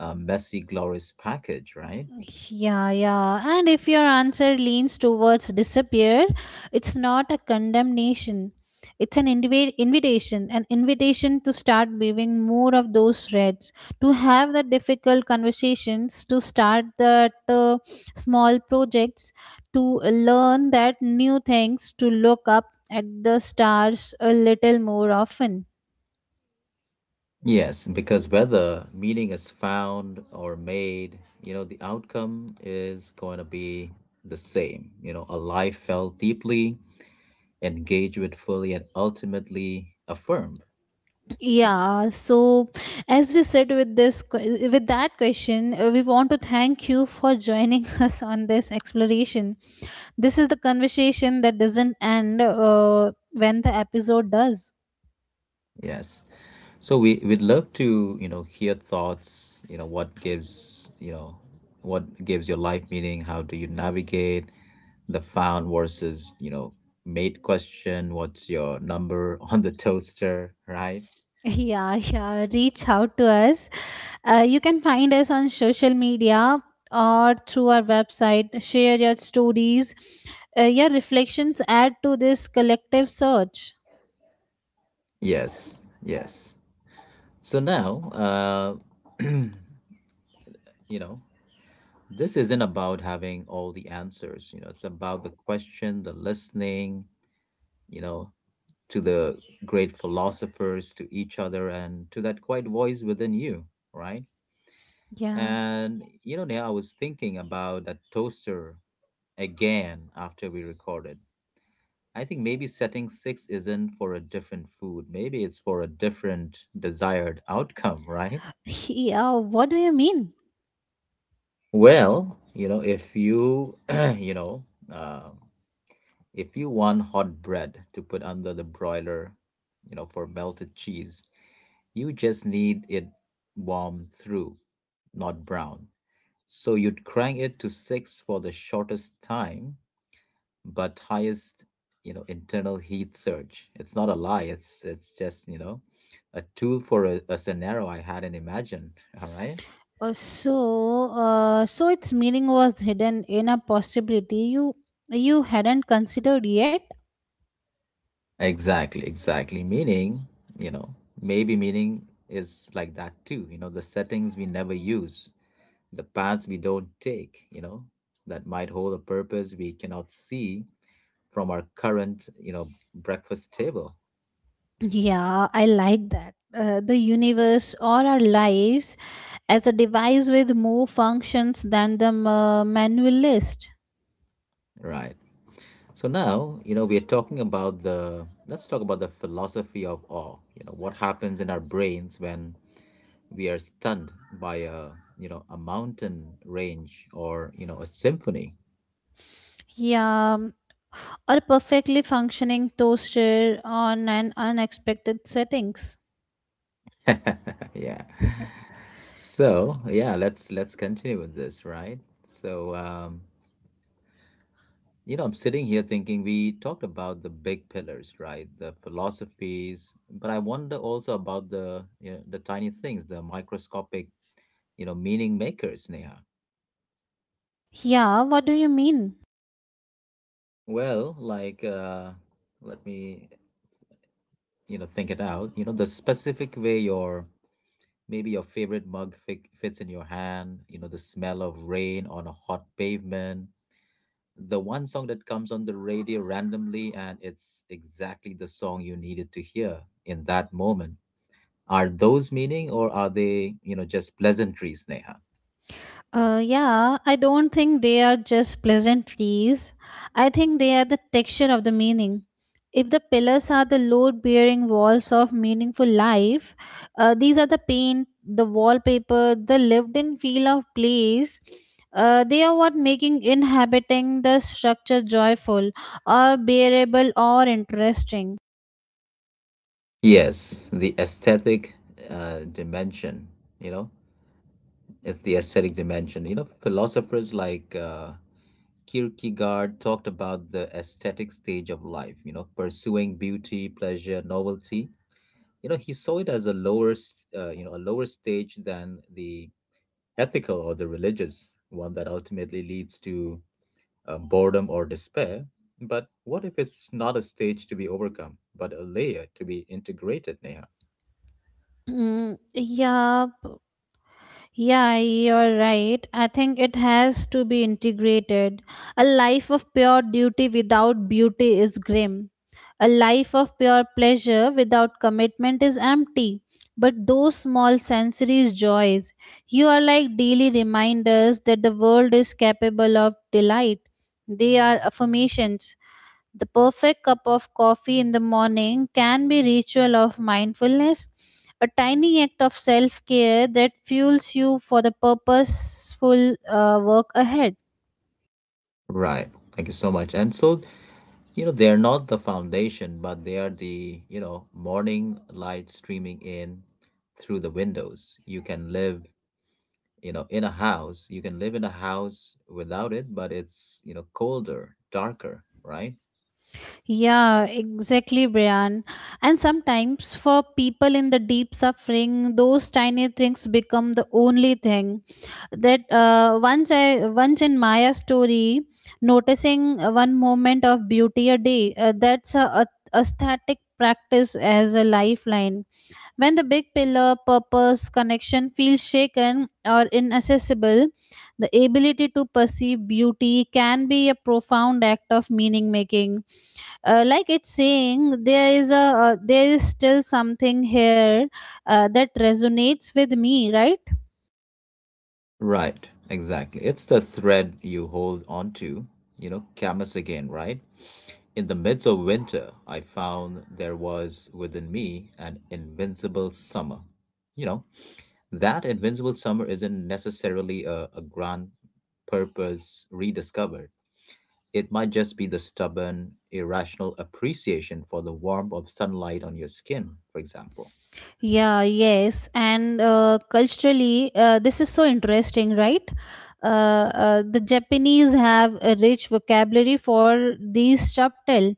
[SPEAKER 1] uh, messy glorious package, right?
[SPEAKER 2] Yeah, yeah. And if your answer leans towards disappear, it's not a condemnation. It's an invi- invitation, an invitation to start weaving more of those threads, to have the difficult conversations, to start that uh, small projects, to learn that new things, to look up at the stars a little more often.
[SPEAKER 1] Yes, because whether meaning is found or made, you know, the outcome is going to be the same. You know, a life felt deeply, engaged with fully, and ultimately affirmed.
[SPEAKER 2] Yeah, so as we said with this que- with that question, uh, we want to thank you for joining (laughs) us on this exploration. This is the conversation that doesn't end uh, when the episode does.
[SPEAKER 1] Yes. So we we'd love to, you know, hear thoughts, you know, what gives, you know, what gives your life meaning, how do you navigate the found versus, you know, mate question, what's your number (laughs) on the toaster, right?
[SPEAKER 2] (laughs) Yeah, yeah, reach out to us. Uh, you can find us on social media or through our website. Share your stories. Uh, your reflections add to this collective search.
[SPEAKER 1] Yes, yes. So now, uh, you know, this isn't about having all the answers. You know, it's about the question, the listening, you know, to the great philosophers, to each other, and to that quiet voice within you, right?
[SPEAKER 2] Yeah.
[SPEAKER 1] And you know, Neha, I was thinking about that toaster again after we recorded. I think maybe setting six isn't for a different food. Maybe it's for a different desired outcome, right?
[SPEAKER 2] (laughs) Yeah, what do you mean?
[SPEAKER 1] Well, you know, if you, (clears throat) you know, uh, if you want hot bread to put under the broiler, you know, for melted cheese, you just need it warm through, not brown. So you'd crank it to six for the shortest time but highest, you know, internal heat surge. It's not a lie, it's it's just, you know, a tool for a, a scenario I hadn't imagined, all right?
[SPEAKER 2] Uh, so, uh, so its meaning was hidden in a possibility you you hadn't considered yet.
[SPEAKER 1] Exactly, exactly. Meaning, you know, maybe meaning is like that too. You know, the settings we never use, the paths we don't take, you know, that might hold a purpose we cannot see from our current, you know, breakfast table,
[SPEAKER 2] Yeah, I like that. Uh, the universe or our lives as a device with more functions than the ma- manual list.
[SPEAKER 1] right? So now, you know, we're talking about the, let's talk about the philosophy of awe. You know, what happens in our brains when we are stunned by a, you know, a mountain range, or you know, a symphony.
[SPEAKER 2] Yeah, or a perfectly functioning toaster on an unexpected settings.
[SPEAKER 1] (laughs) Yeah. So, yeah, let's let's continue with this, right? So, um, you know, I'm sitting here thinking we talked about the big pillars, right? The philosophies, but I wonder also about the, you know, the tiny things, the microscopic, you know, meaning makers, Neha.
[SPEAKER 2] Yeah, what do you mean?
[SPEAKER 1] Well, like, uh, let me, you know, think it out. You know, the specific way your, maybe your favorite mug fi fits in your hand, you know, the smell of rain on a hot pavement, the one song that comes on the radio randomly, and it's exactly the song you needed to hear in that moment. Are those meaning, or are they, you know, just pleasantries, Neha?
[SPEAKER 2] Uh, yeah, I don't think they are just pleasantries. I think they are the texture of the meaning. If the pillars are the load bearing walls of meaningful life, uh, these are the paint, the wallpaper, the lived in feel of place. Uh, they are what making inhabiting the structure joyful or bearable or interesting.
[SPEAKER 1] Yes, the aesthetic uh, dimension, you know, it's the aesthetic dimension. You know, philosophers like uh, Kierkegaard talked about the aesthetic stage of life, you know, pursuing beauty, pleasure, novelty. You know, he saw it as a lower, s- uh, you know, a lower stage than the ethical or the religious one that ultimately leads to uh, boredom or despair. But what if it's not a stage to be overcome, but a layer to be integrated, Neha?
[SPEAKER 2] Mm, yeah. Yeah, you're right. I think it has to be integrated. A life of pure duty without beauty is grim. A life of pure pleasure without commitment is empty. But those small sensory joys, you are like daily reminders that the world is capable of delight. They are affirmations. The perfect cup of coffee in the morning can be ritual of mindfulness, a tiny act of self-care that fuels you for the purposeful uh, work ahead.
[SPEAKER 1] Right. Thank you so much. And so, you know, they are not the foundation, but they are the, you know, morning light streaming in through the windows. You can live, you know in a house you can live in a house without it, but it's, you know, colder, darker, right?
[SPEAKER 2] Yeah, exactly, Brian. And sometimes for people in the deep suffering, those tiny things become the only thing that uh, once i once in Maya story, noticing one moment of beauty a day. Uh, that's a, a aesthetic practice as a lifeline. When the big pillar purpose connection feels shaken or inaccessible, the ability to perceive beauty can be a profound act of meaning making. Uh, like it's saying there is a uh, there is still something here, uh, that resonates with me, right?
[SPEAKER 1] Right, exactly. It's the thread you hold on to. You know, Camus again, right? In the midst of winter I found there was within me an invincible summer. You know, that invincible summer isn't necessarily a, a grand purpose rediscovered. It might just be the stubborn, irrational appreciation for the warmth of sunlight on your skin, for example.
[SPEAKER 2] Yeah, yes. And uh, culturally, uh, this is so interesting, right? Uh, uh, the Japanese have a rich vocabulary for these subtle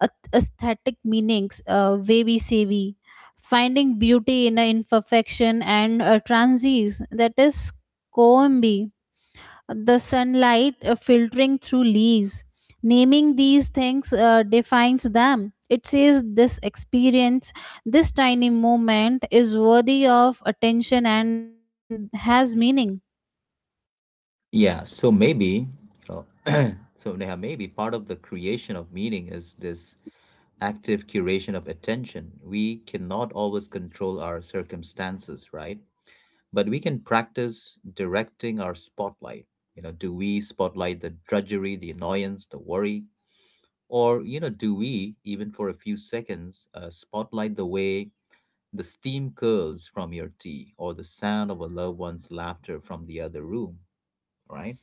[SPEAKER 2] ath- aesthetic meanings, uh, wabi sabi, finding beauty in a imperfection, and uh, transies, that is koembi, the sunlight uh, filtering through leaves. Naming these things uh, defines them. It says this experience, this tiny moment is worthy of attention and has meaning.
[SPEAKER 1] Yeah, so maybe, you know, (clears throat) so Neha, maybe part of the creation of meaning is this active curation of attention. We cannot always control our circumstances, right? But we can practice directing our spotlight. You know, do we spotlight the drudgery, the annoyance, the worry? Or, you know, do we, even for a few seconds, uh, spotlight the way the steam curls from your tea or the sound of a loved one's laughter from the other room, right?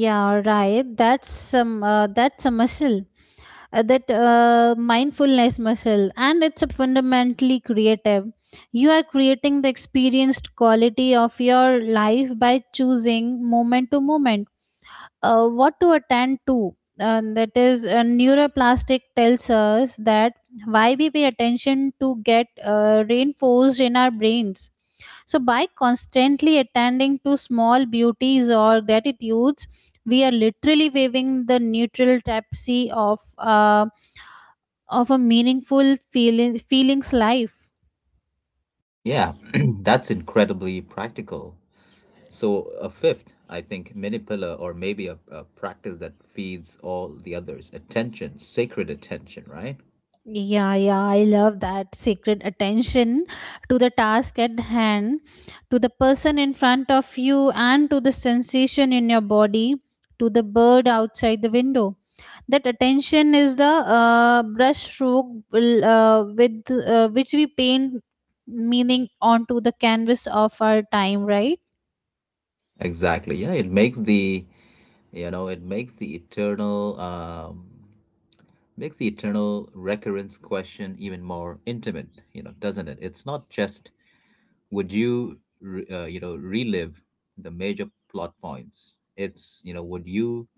[SPEAKER 2] Yeah, right. That's some. Uh, that's a muscle. Uh, that uh, mindfulness muscle, and it's a fundamentally creative. You are creating the experienced quality of your life by choosing moment to moment uh, what to attend to. And that is, uh, neuroplastic tells us that why we pay attention to get uh, reinforced in our brains. So, by constantly attending to small beauties or gratitudes, we are literally waving the neutral tapestry of uh, of a meaningful feeling, feelings life.
[SPEAKER 1] Yeah, (clears throat) that's incredibly practical. So, a fifth, I think, mini pillar, or maybe a, a practice that feeds all the others attention, sacred attention, right?
[SPEAKER 2] Yeah, yeah, I love that sacred attention to the task at hand, to the person in front of you, and to the sensation in your body, to the bird outside the window. That attention is the uh, brush stroke will, uh, with uh, which we paint meaning onto the canvas of our time, right?
[SPEAKER 1] Exactly. Yeah, it makes the, you know, it makes the eternal, um, makes the eternal recurrence question even more intimate, you know, doesn't it? It's not just would you re- uh, you know relive the major plot points. It's, you know, would you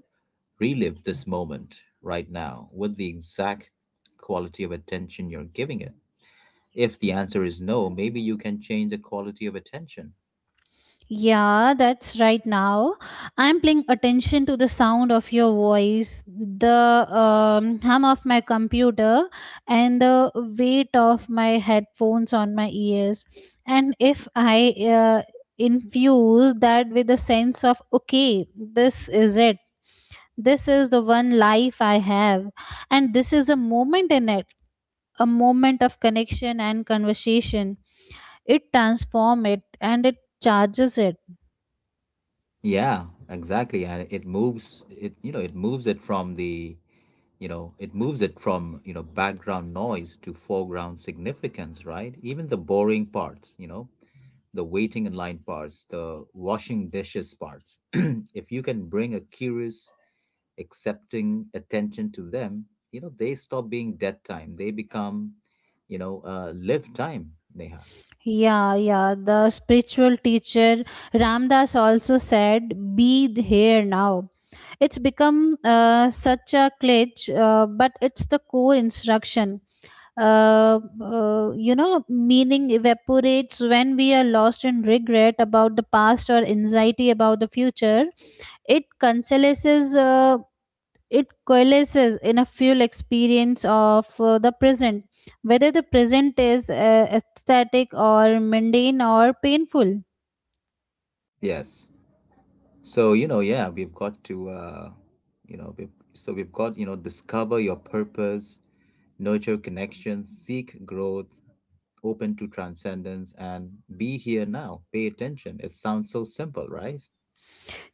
[SPEAKER 1] relive this moment right now with the exact quality of attention you're giving it. If the answer is no, maybe you can change the quality of attention.
[SPEAKER 2] Yeah, that's right now. I'm paying attention to the sound of your voice, the um, hum of my computer, and the weight of my headphones on my ears. And if I uh, infuse that with a sense of, okay, this is it, this is the one life I have, and this is a moment in it, a moment of connection and conversation, it transforms it, and it charges it.
[SPEAKER 1] Yeah, exactly. And it moves it you know it moves it from the you know it moves it from you know background noise to foreground significance, right? Even the boring parts, you know, the waiting in line parts, the washing dishes parts. (clears throat) If you can bring a curious accepting attention to them, you know, they stop being dead time. They become, you know, uh, live time, Neha.
[SPEAKER 2] Yeah, yeah. The spiritual teacher Ramdas also said, "Be here now." It's become uh, such a glitch, uh, but it's the core instruction. Uh, uh, you know, meaning evaporates when we are lost in regret about the past or anxiety about the future. It consolaces. Uh, it coalesces in a fuel experience of uh, the present, whether the present is uh, aesthetic or mundane or painful.
[SPEAKER 1] Yes. So, you know, yeah, we've got to uh, you know we've, so we've got, you know, discover your purpose, nurture connections, seek growth, open to transcendence, and be here now. Pay attention. It sounds so simple, right?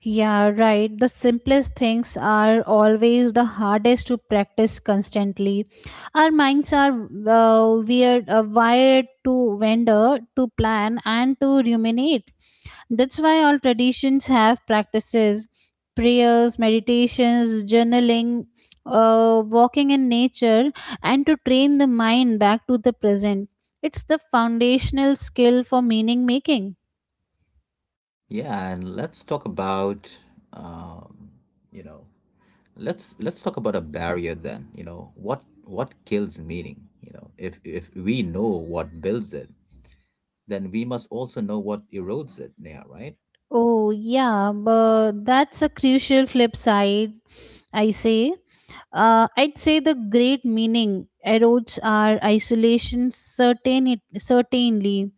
[SPEAKER 2] Yeah, right. The simplest things are always the hardest to practice constantly. Our minds are uh, weird, uh, wired to wander, to plan, and to ruminate. That's why all traditions have practices, prayers, meditations, journaling, uh, walking in nature, and to train the mind back to the present. It's the foundational skill for meaning making.
[SPEAKER 1] Yeah, and let's talk about, um, you know, let's let's talk about a barrier then. You know, what what kills meaning? You know, if if we know what builds it, then we must also know what erodes it. Yeah, right.
[SPEAKER 2] Oh, yeah, but that's a crucial flip side, I say. Uh, I'd say the great meaning erodes our isolation certain certainly.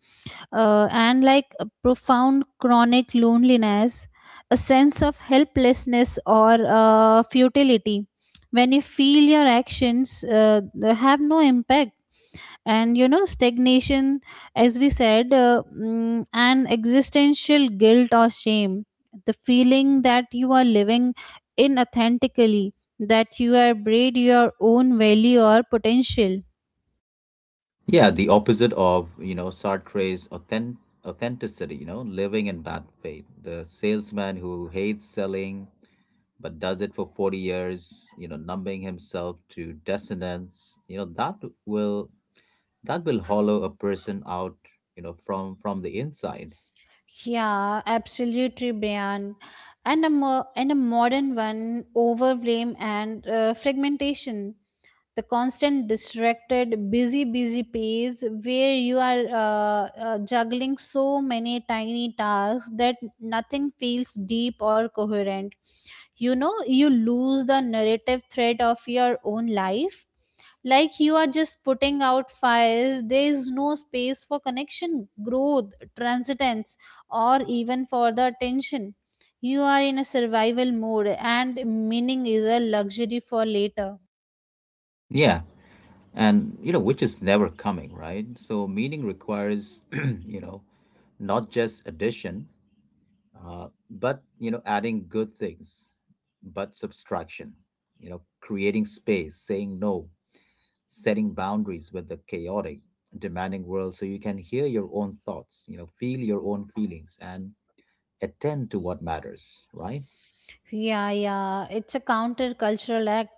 [SPEAKER 2] uh, And like a profound chronic loneliness, a sense of helplessness or uh, futility. When you feel your actions uh, have no impact, and you know, stagnation, as we said, uh, mm, and existential guilt or shame, the feeling that you are living inauthentically, that you are braid your own value or potential.
[SPEAKER 1] Yeah, the opposite of, you know, Sartre's authentic authenticity. You know, living in bad faith. The salesman who hates selling but does it for forty years, you know, numbing himself to dissonance, you know, that will that will hollow a person out, you know, from from the inside.
[SPEAKER 2] Yeah, absolutely, Brian. And a mo- and a modern one, overblame and uh, fragmentation. The constant distracted, busy, busy pace where you are uh, uh, juggling so many tiny tasks that nothing feels deep or coherent. You know, you lose the narrative thread of your own life. Like, you are just putting out fires. There is no space for connection, growth, transcendence, or even for the attention. You are in a survival mode, and meaning is a luxury for later.
[SPEAKER 1] Yeah. And, you know, which is never coming, right? So meaning requires, (clears throat) you know, not just addition, uh, but, you know, adding good things, but subtraction, you know, creating space, saying no, setting boundaries with the chaotic, demanding world, so you can hear your own thoughts, you know, feel your own feelings, and attend to what matters, right?
[SPEAKER 2] Yeah, yeah, it's a countercultural act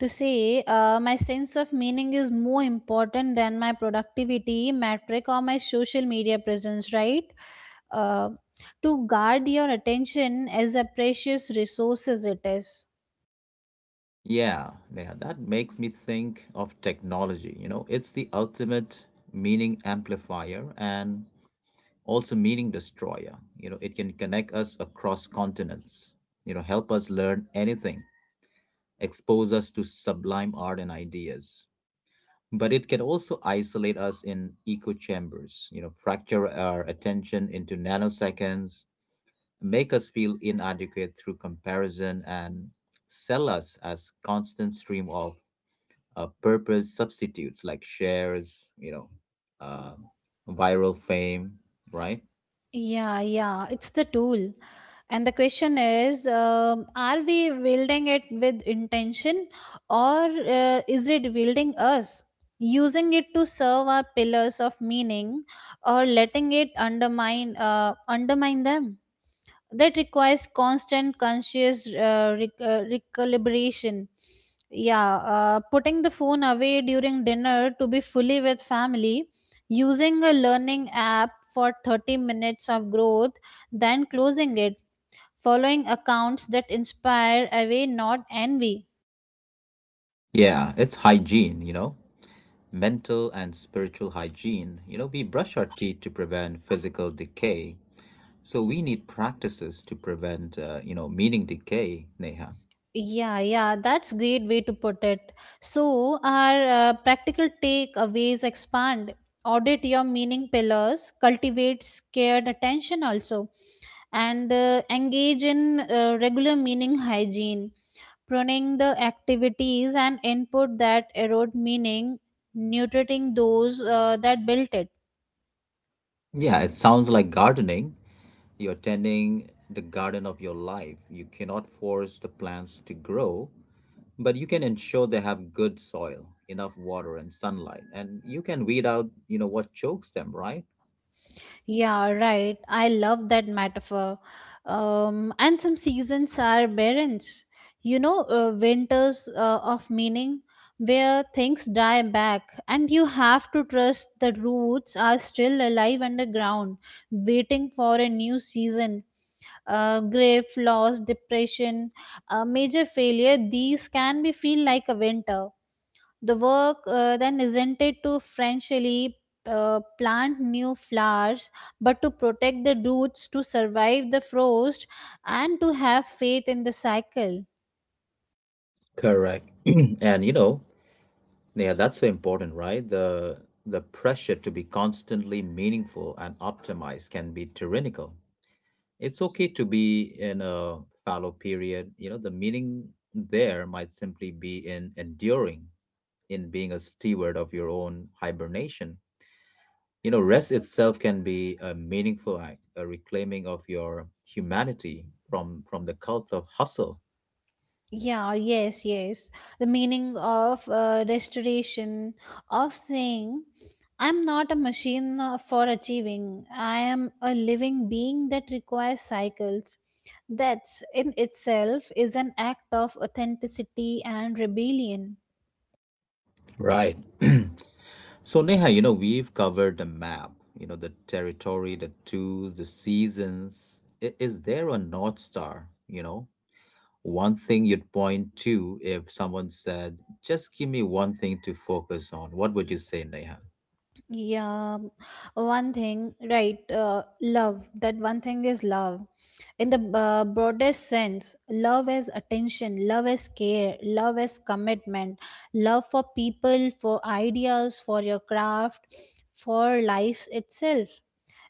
[SPEAKER 2] to say, uh, my sense of meaning is more important than my productivity metric or my social media presence, right? uh, to guard your attention as a precious resource, as it is.
[SPEAKER 1] Yeah, Neha, that makes me think of technology. You know, it's the ultimate meaning amplifier and also meaning destroyer. You know, it can connect us across continents, you know, help us learn anything, expose us to sublime art and ideas. But it can also isolate us in echo chambers, you know, fracture our attention into nanoseconds, make us feel inadequate through comparison, and sell us as constant stream of uh, purpose substitutes like shares, you know, uh, viral fame, right?
[SPEAKER 2] Yeah, yeah, it's the tool. And the question is, um, are we wielding it with intention, or uh, is it wielding us? Using it to serve our pillars of meaning, or letting it undermine uh, undermine them? That requires constant conscious uh, rec- uh, recalibration. Yeah, uh, putting the phone away during dinner to be fully with family, using a learning app for thirty minutes of growth, then closing it, following accounts that inspire away, not envy.
[SPEAKER 1] Yeah, it's hygiene, you know, mental and spiritual hygiene. You know, we brush our teeth to prevent physical decay. So we need practices to prevent, uh, you know, meaning decay, Neha.
[SPEAKER 2] Yeah, yeah, that's great way to put it. So, our uh, practical takeaways expand. Audit your meaning pillars, cultivate scared attention also, and uh, engage in uh, regular meaning hygiene, pruning the activities and input that erode meaning, nutriting those uh, that built it.
[SPEAKER 1] Yeah, it sounds like gardening. You're tending the garden of your life. You cannot force the plants to grow, but you can ensure they have good soil, enough water and sunlight, and you can weed out, you know, what chokes them, right?
[SPEAKER 2] Yeah, right. I love that metaphor. Um, and some seasons are barrens. You know, uh, winters uh, of meaning, where things die back, and you have to trust the roots are still alive underground, waiting for a new season. Uh, grief, loss, depression, uh, major failure, these can be feel like a winter. The work uh, then isn't it to Frenchly uh, plant new flowers, but to protect the roots, to survive the frost, and to have faith in the cycle.
[SPEAKER 1] Correct. (clears throat) And, you know, yeah, that's so important, right? The the pressure to be constantly meaningful and optimized can be tyrannical. It's okay to be in a fallow period. You know, the meaning there might simply be in enduring, in being a steward of your own hibernation. You know, rest itself can be a meaningful act, a reclaiming of your humanity from from the cult of hustle.
[SPEAKER 2] Yeah, yes, yes. The meaning of uh, restoration, of saying, I'm not a machine uh, for achieving, I am a living being that requires cycles. That in itself is an act of authenticity and rebellion.
[SPEAKER 1] Right. (clears throat) So, Neha, you know, we've covered the map, you know, the territory, the tools, the seasons. I- Is there a North Star, you know? One thing you'd point to if someone said, just give me one thing to focus on. What would you say, Neha?
[SPEAKER 2] Yeah, one thing, right? Uh, love. That one thing is love, in the uh, broadest sense. Love is attention, love is care, love is commitment. Love for people, for ideas, for your craft, for life itself.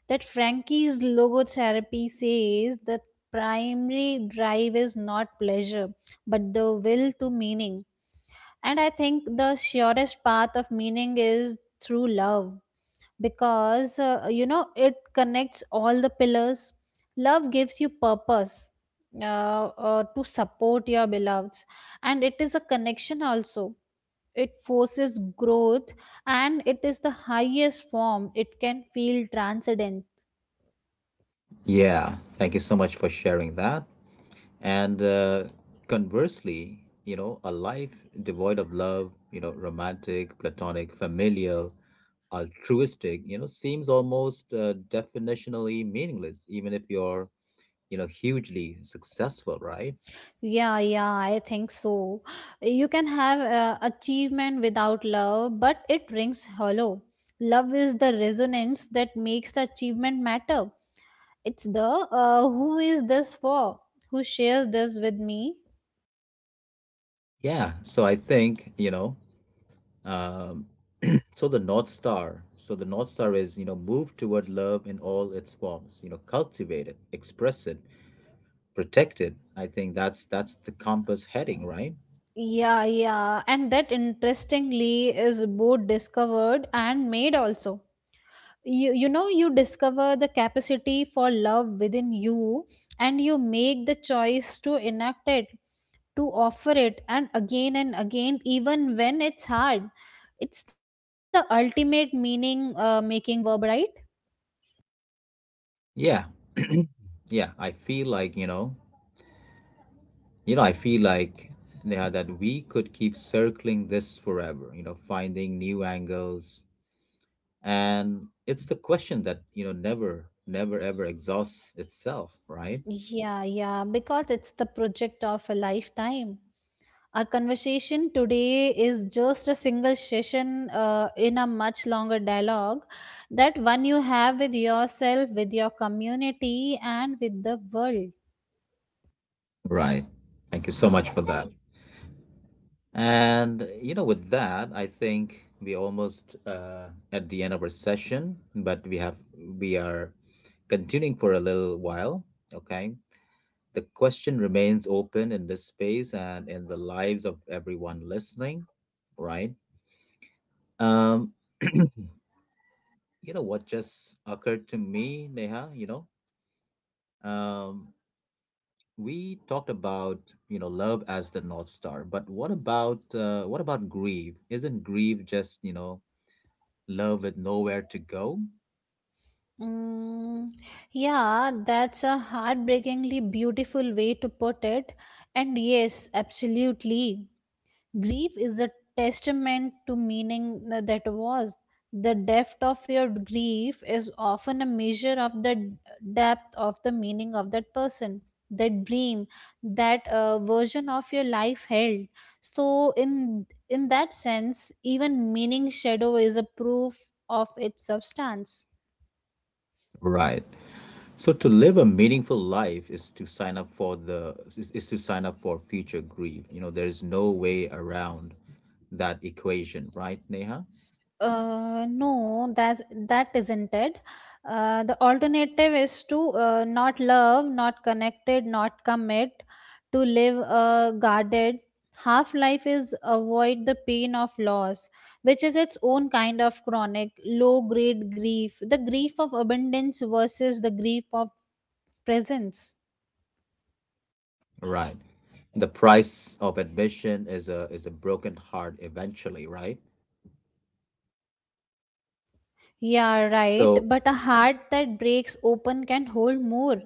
[SPEAKER 2] That Frankie's logotherapy says that primary drive is not pleasure, but the will to meaning. And I think the surest path of meaning is through love, because uh, you know, it connects all the pillars. Love gives you purpose, uh, uh, to support your beloveds, and it is a connection also. It forces growth, and it is the highest form. It can feel transcendent.
[SPEAKER 1] Yeah, thank you so much for sharing that. And uh, conversely, you know, a life devoid of love, you know, romantic, platonic, familial, altruistic, you know, seems almost uh, definitionally meaningless, even if you're, you know, hugely successful, right?
[SPEAKER 2] Yeah, yeah, I think so. You can have uh, achievement without love, but it rings hollow. Love is the resonance that makes the achievement matter. It's the uh, who is this for? Who shares this with me?
[SPEAKER 1] Yeah, so I think, you know, um so the north star, so the north star is, you know, move toward love in all its forms. You know, cultivate it, express it, protect it. I think that's that's the compass heading, right?
[SPEAKER 2] Yeah, yeah. And that interestingly is both discovered and made also. You, you know, you discover the capacity for love within you, and you make the choice to enact it, to offer it, and again and again, even when it's hard. It's the ultimate meaning uh, making verb, right?
[SPEAKER 1] Yeah. (clears throat) Yeah, I feel like, you know You know, I feel like, Neha, that we could keep circling this forever, you know, finding new angles. And it's the question that, you know, never, never ever exhausts itself, right?
[SPEAKER 2] Yeah, yeah, because it's the project of a lifetime. Our conversation today is just a single session uh, in a much longer dialogue, that one you have with yourself, with your community, and with the world.
[SPEAKER 1] Right. Thank you so much for that. And, you know, with that, I think we're almost uh, at the end of our session, but we have, we are continuing for a little while, okay? The question remains open in this space and in the lives of everyone listening, right? Um, (clears throat) you know what just occurred to me, Neha, you know? Um, we talked about, you know, love as the North Star, but what about uh, what about grief? Isn't grief just, you know, love with nowhere to go?
[SPEAKER 2] Mm, yeah, that's a heartbreakingly beautiful way to put it. And yes, absolutely. Grief is a testament to meaning that was. The depth of your grief is often a measure of the depth of the meaning of that person, that dream, that uh, version of your life held. So, in in that sense, even meaning shadow is a proof of its substance.
[SPEAKER 1] Right. So to live a meaningful life is to sign up for the is, is to sign up for future grief. You know, there is no way around that equation, right, Neha?
[SPEAKER 2] Uh, no, that's that isn't it. Uh, the alternative is to uh, not love, not connected, not commit, to live uh, guarded. Half life is avoid the pain of loss, which is its own kind of chronic, low grade grief, the grief of abundance versus the grief of presence.
[SPEAKER 1] Right. The price of admission is a is a broken heart eventually, right?
[SPEAKER 2] Yeah, right.
[SPEAKER 1] So
[SPEAKER 2] But a heart that breaks open can hold more.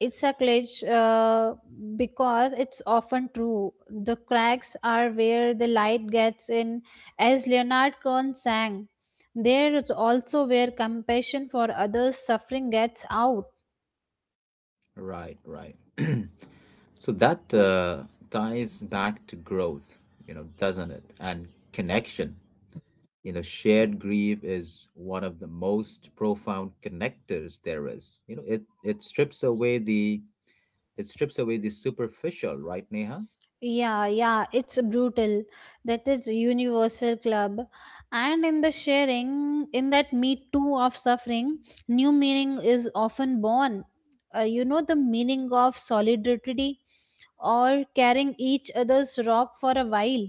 [SPEAKER 2] It's a glitch, uh, because it's often true. The cracks are where the light gets in, as Leonard Cohen sang. There is also where compassion for others' suffering gets out.
[SPEAKER 1] right, right. (clears throat) So that uh, ties back to growth, you know, doesn't it? And connection. You know, shared grief is one of the most profound connectors there is. You know, it it strips away the it strips away the superficial, right, Neha?
[SPEAKER 2] Yeah, yeah, it's brutal. That is universal club. And in the sharing, in that me too of suffering, new meaning is often born. Uh, you know, the meaning of solidarity, or carrying each other's rock for a while.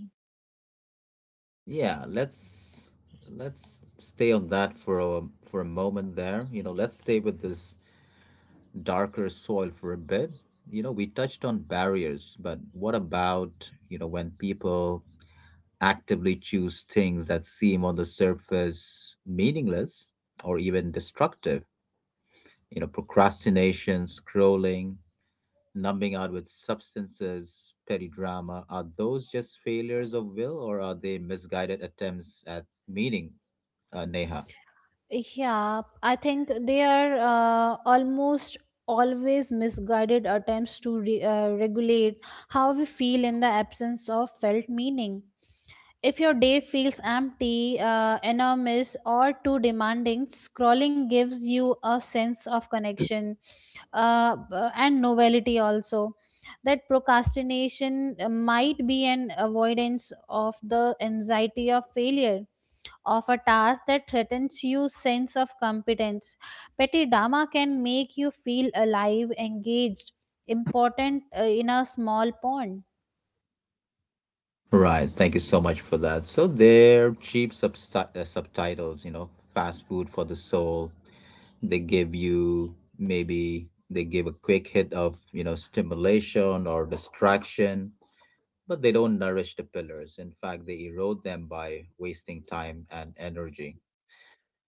[SPEAKER 1] Yeah, let's let's stay on that for a for a moment there. You know, let's stay with this darker soil for a bit. You know, we touched on barriers, but what about, you know, when people actively choose things that seem on the surface meaningless or even destructive? You know, procrastination, scrolling, numbing out with substances, petty drama, are those just failures of will, or are they misguided attempts at meaning, uh, Neha?
[SPEAKER 2] Yeah, I think they are uh, almost always misguided attempts to re- uh, regulate how we feel in the absence of felt meaning. If your day feels empty, uh, enormous, or too demanding, scrolling gives you a sense of connection uh, b- and novelty also. That procrastination uh, might be an avoidance of the anxiety of failure of a task that threatens your sense of competence. Petty drama can make you feel alive, engaged, important uh, in a small pond.
[SPEAKER 1] Right. Thank you so much for that. So they're cheap substi- uh, subtitles, you know, fast food for the soul. They give you maybe they give a quick hit of, you know, stimulation or distraction, but they don't nourish the pillars. In fact, they erode them by wasting time and energy.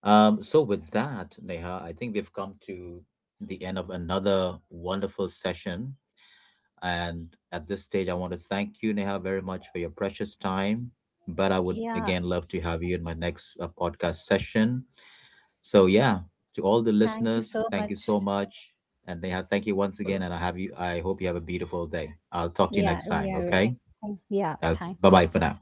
[SPEAKER 1] Um, so with that, Neha, I think we've come to the end of another wonderful session. And at this stage, I want to thank you, Neha, very much for your precious time. But I would
[SPEAKER 2] Yeah,
[SPEAKER 1] again love to have you in my next uh, podcast session. So yeah, to all the
[SPEAKER 2] thank you so
[SPEAKER 1] listeners, thank you
[SPEAKER 2] much.
[SPEAKER 1] so much. And Neha, thank you once again. And I have you. I hope you have a beautiful day. I'll talk to you
[SPEAKER 2] Yeah,
[SPEAKER 1] next time.
[SPEAKER 2] yeah,
[SPEAKER 1] Okay.
[SPEAKER 2] right.
[SPEAKER 1] Okay.
[SPEAKER 2] Thank- yeah,
[SPEAKER 1] Bye
[SPEAKER 2] thank you.
[SPEAKER 1] bye for now.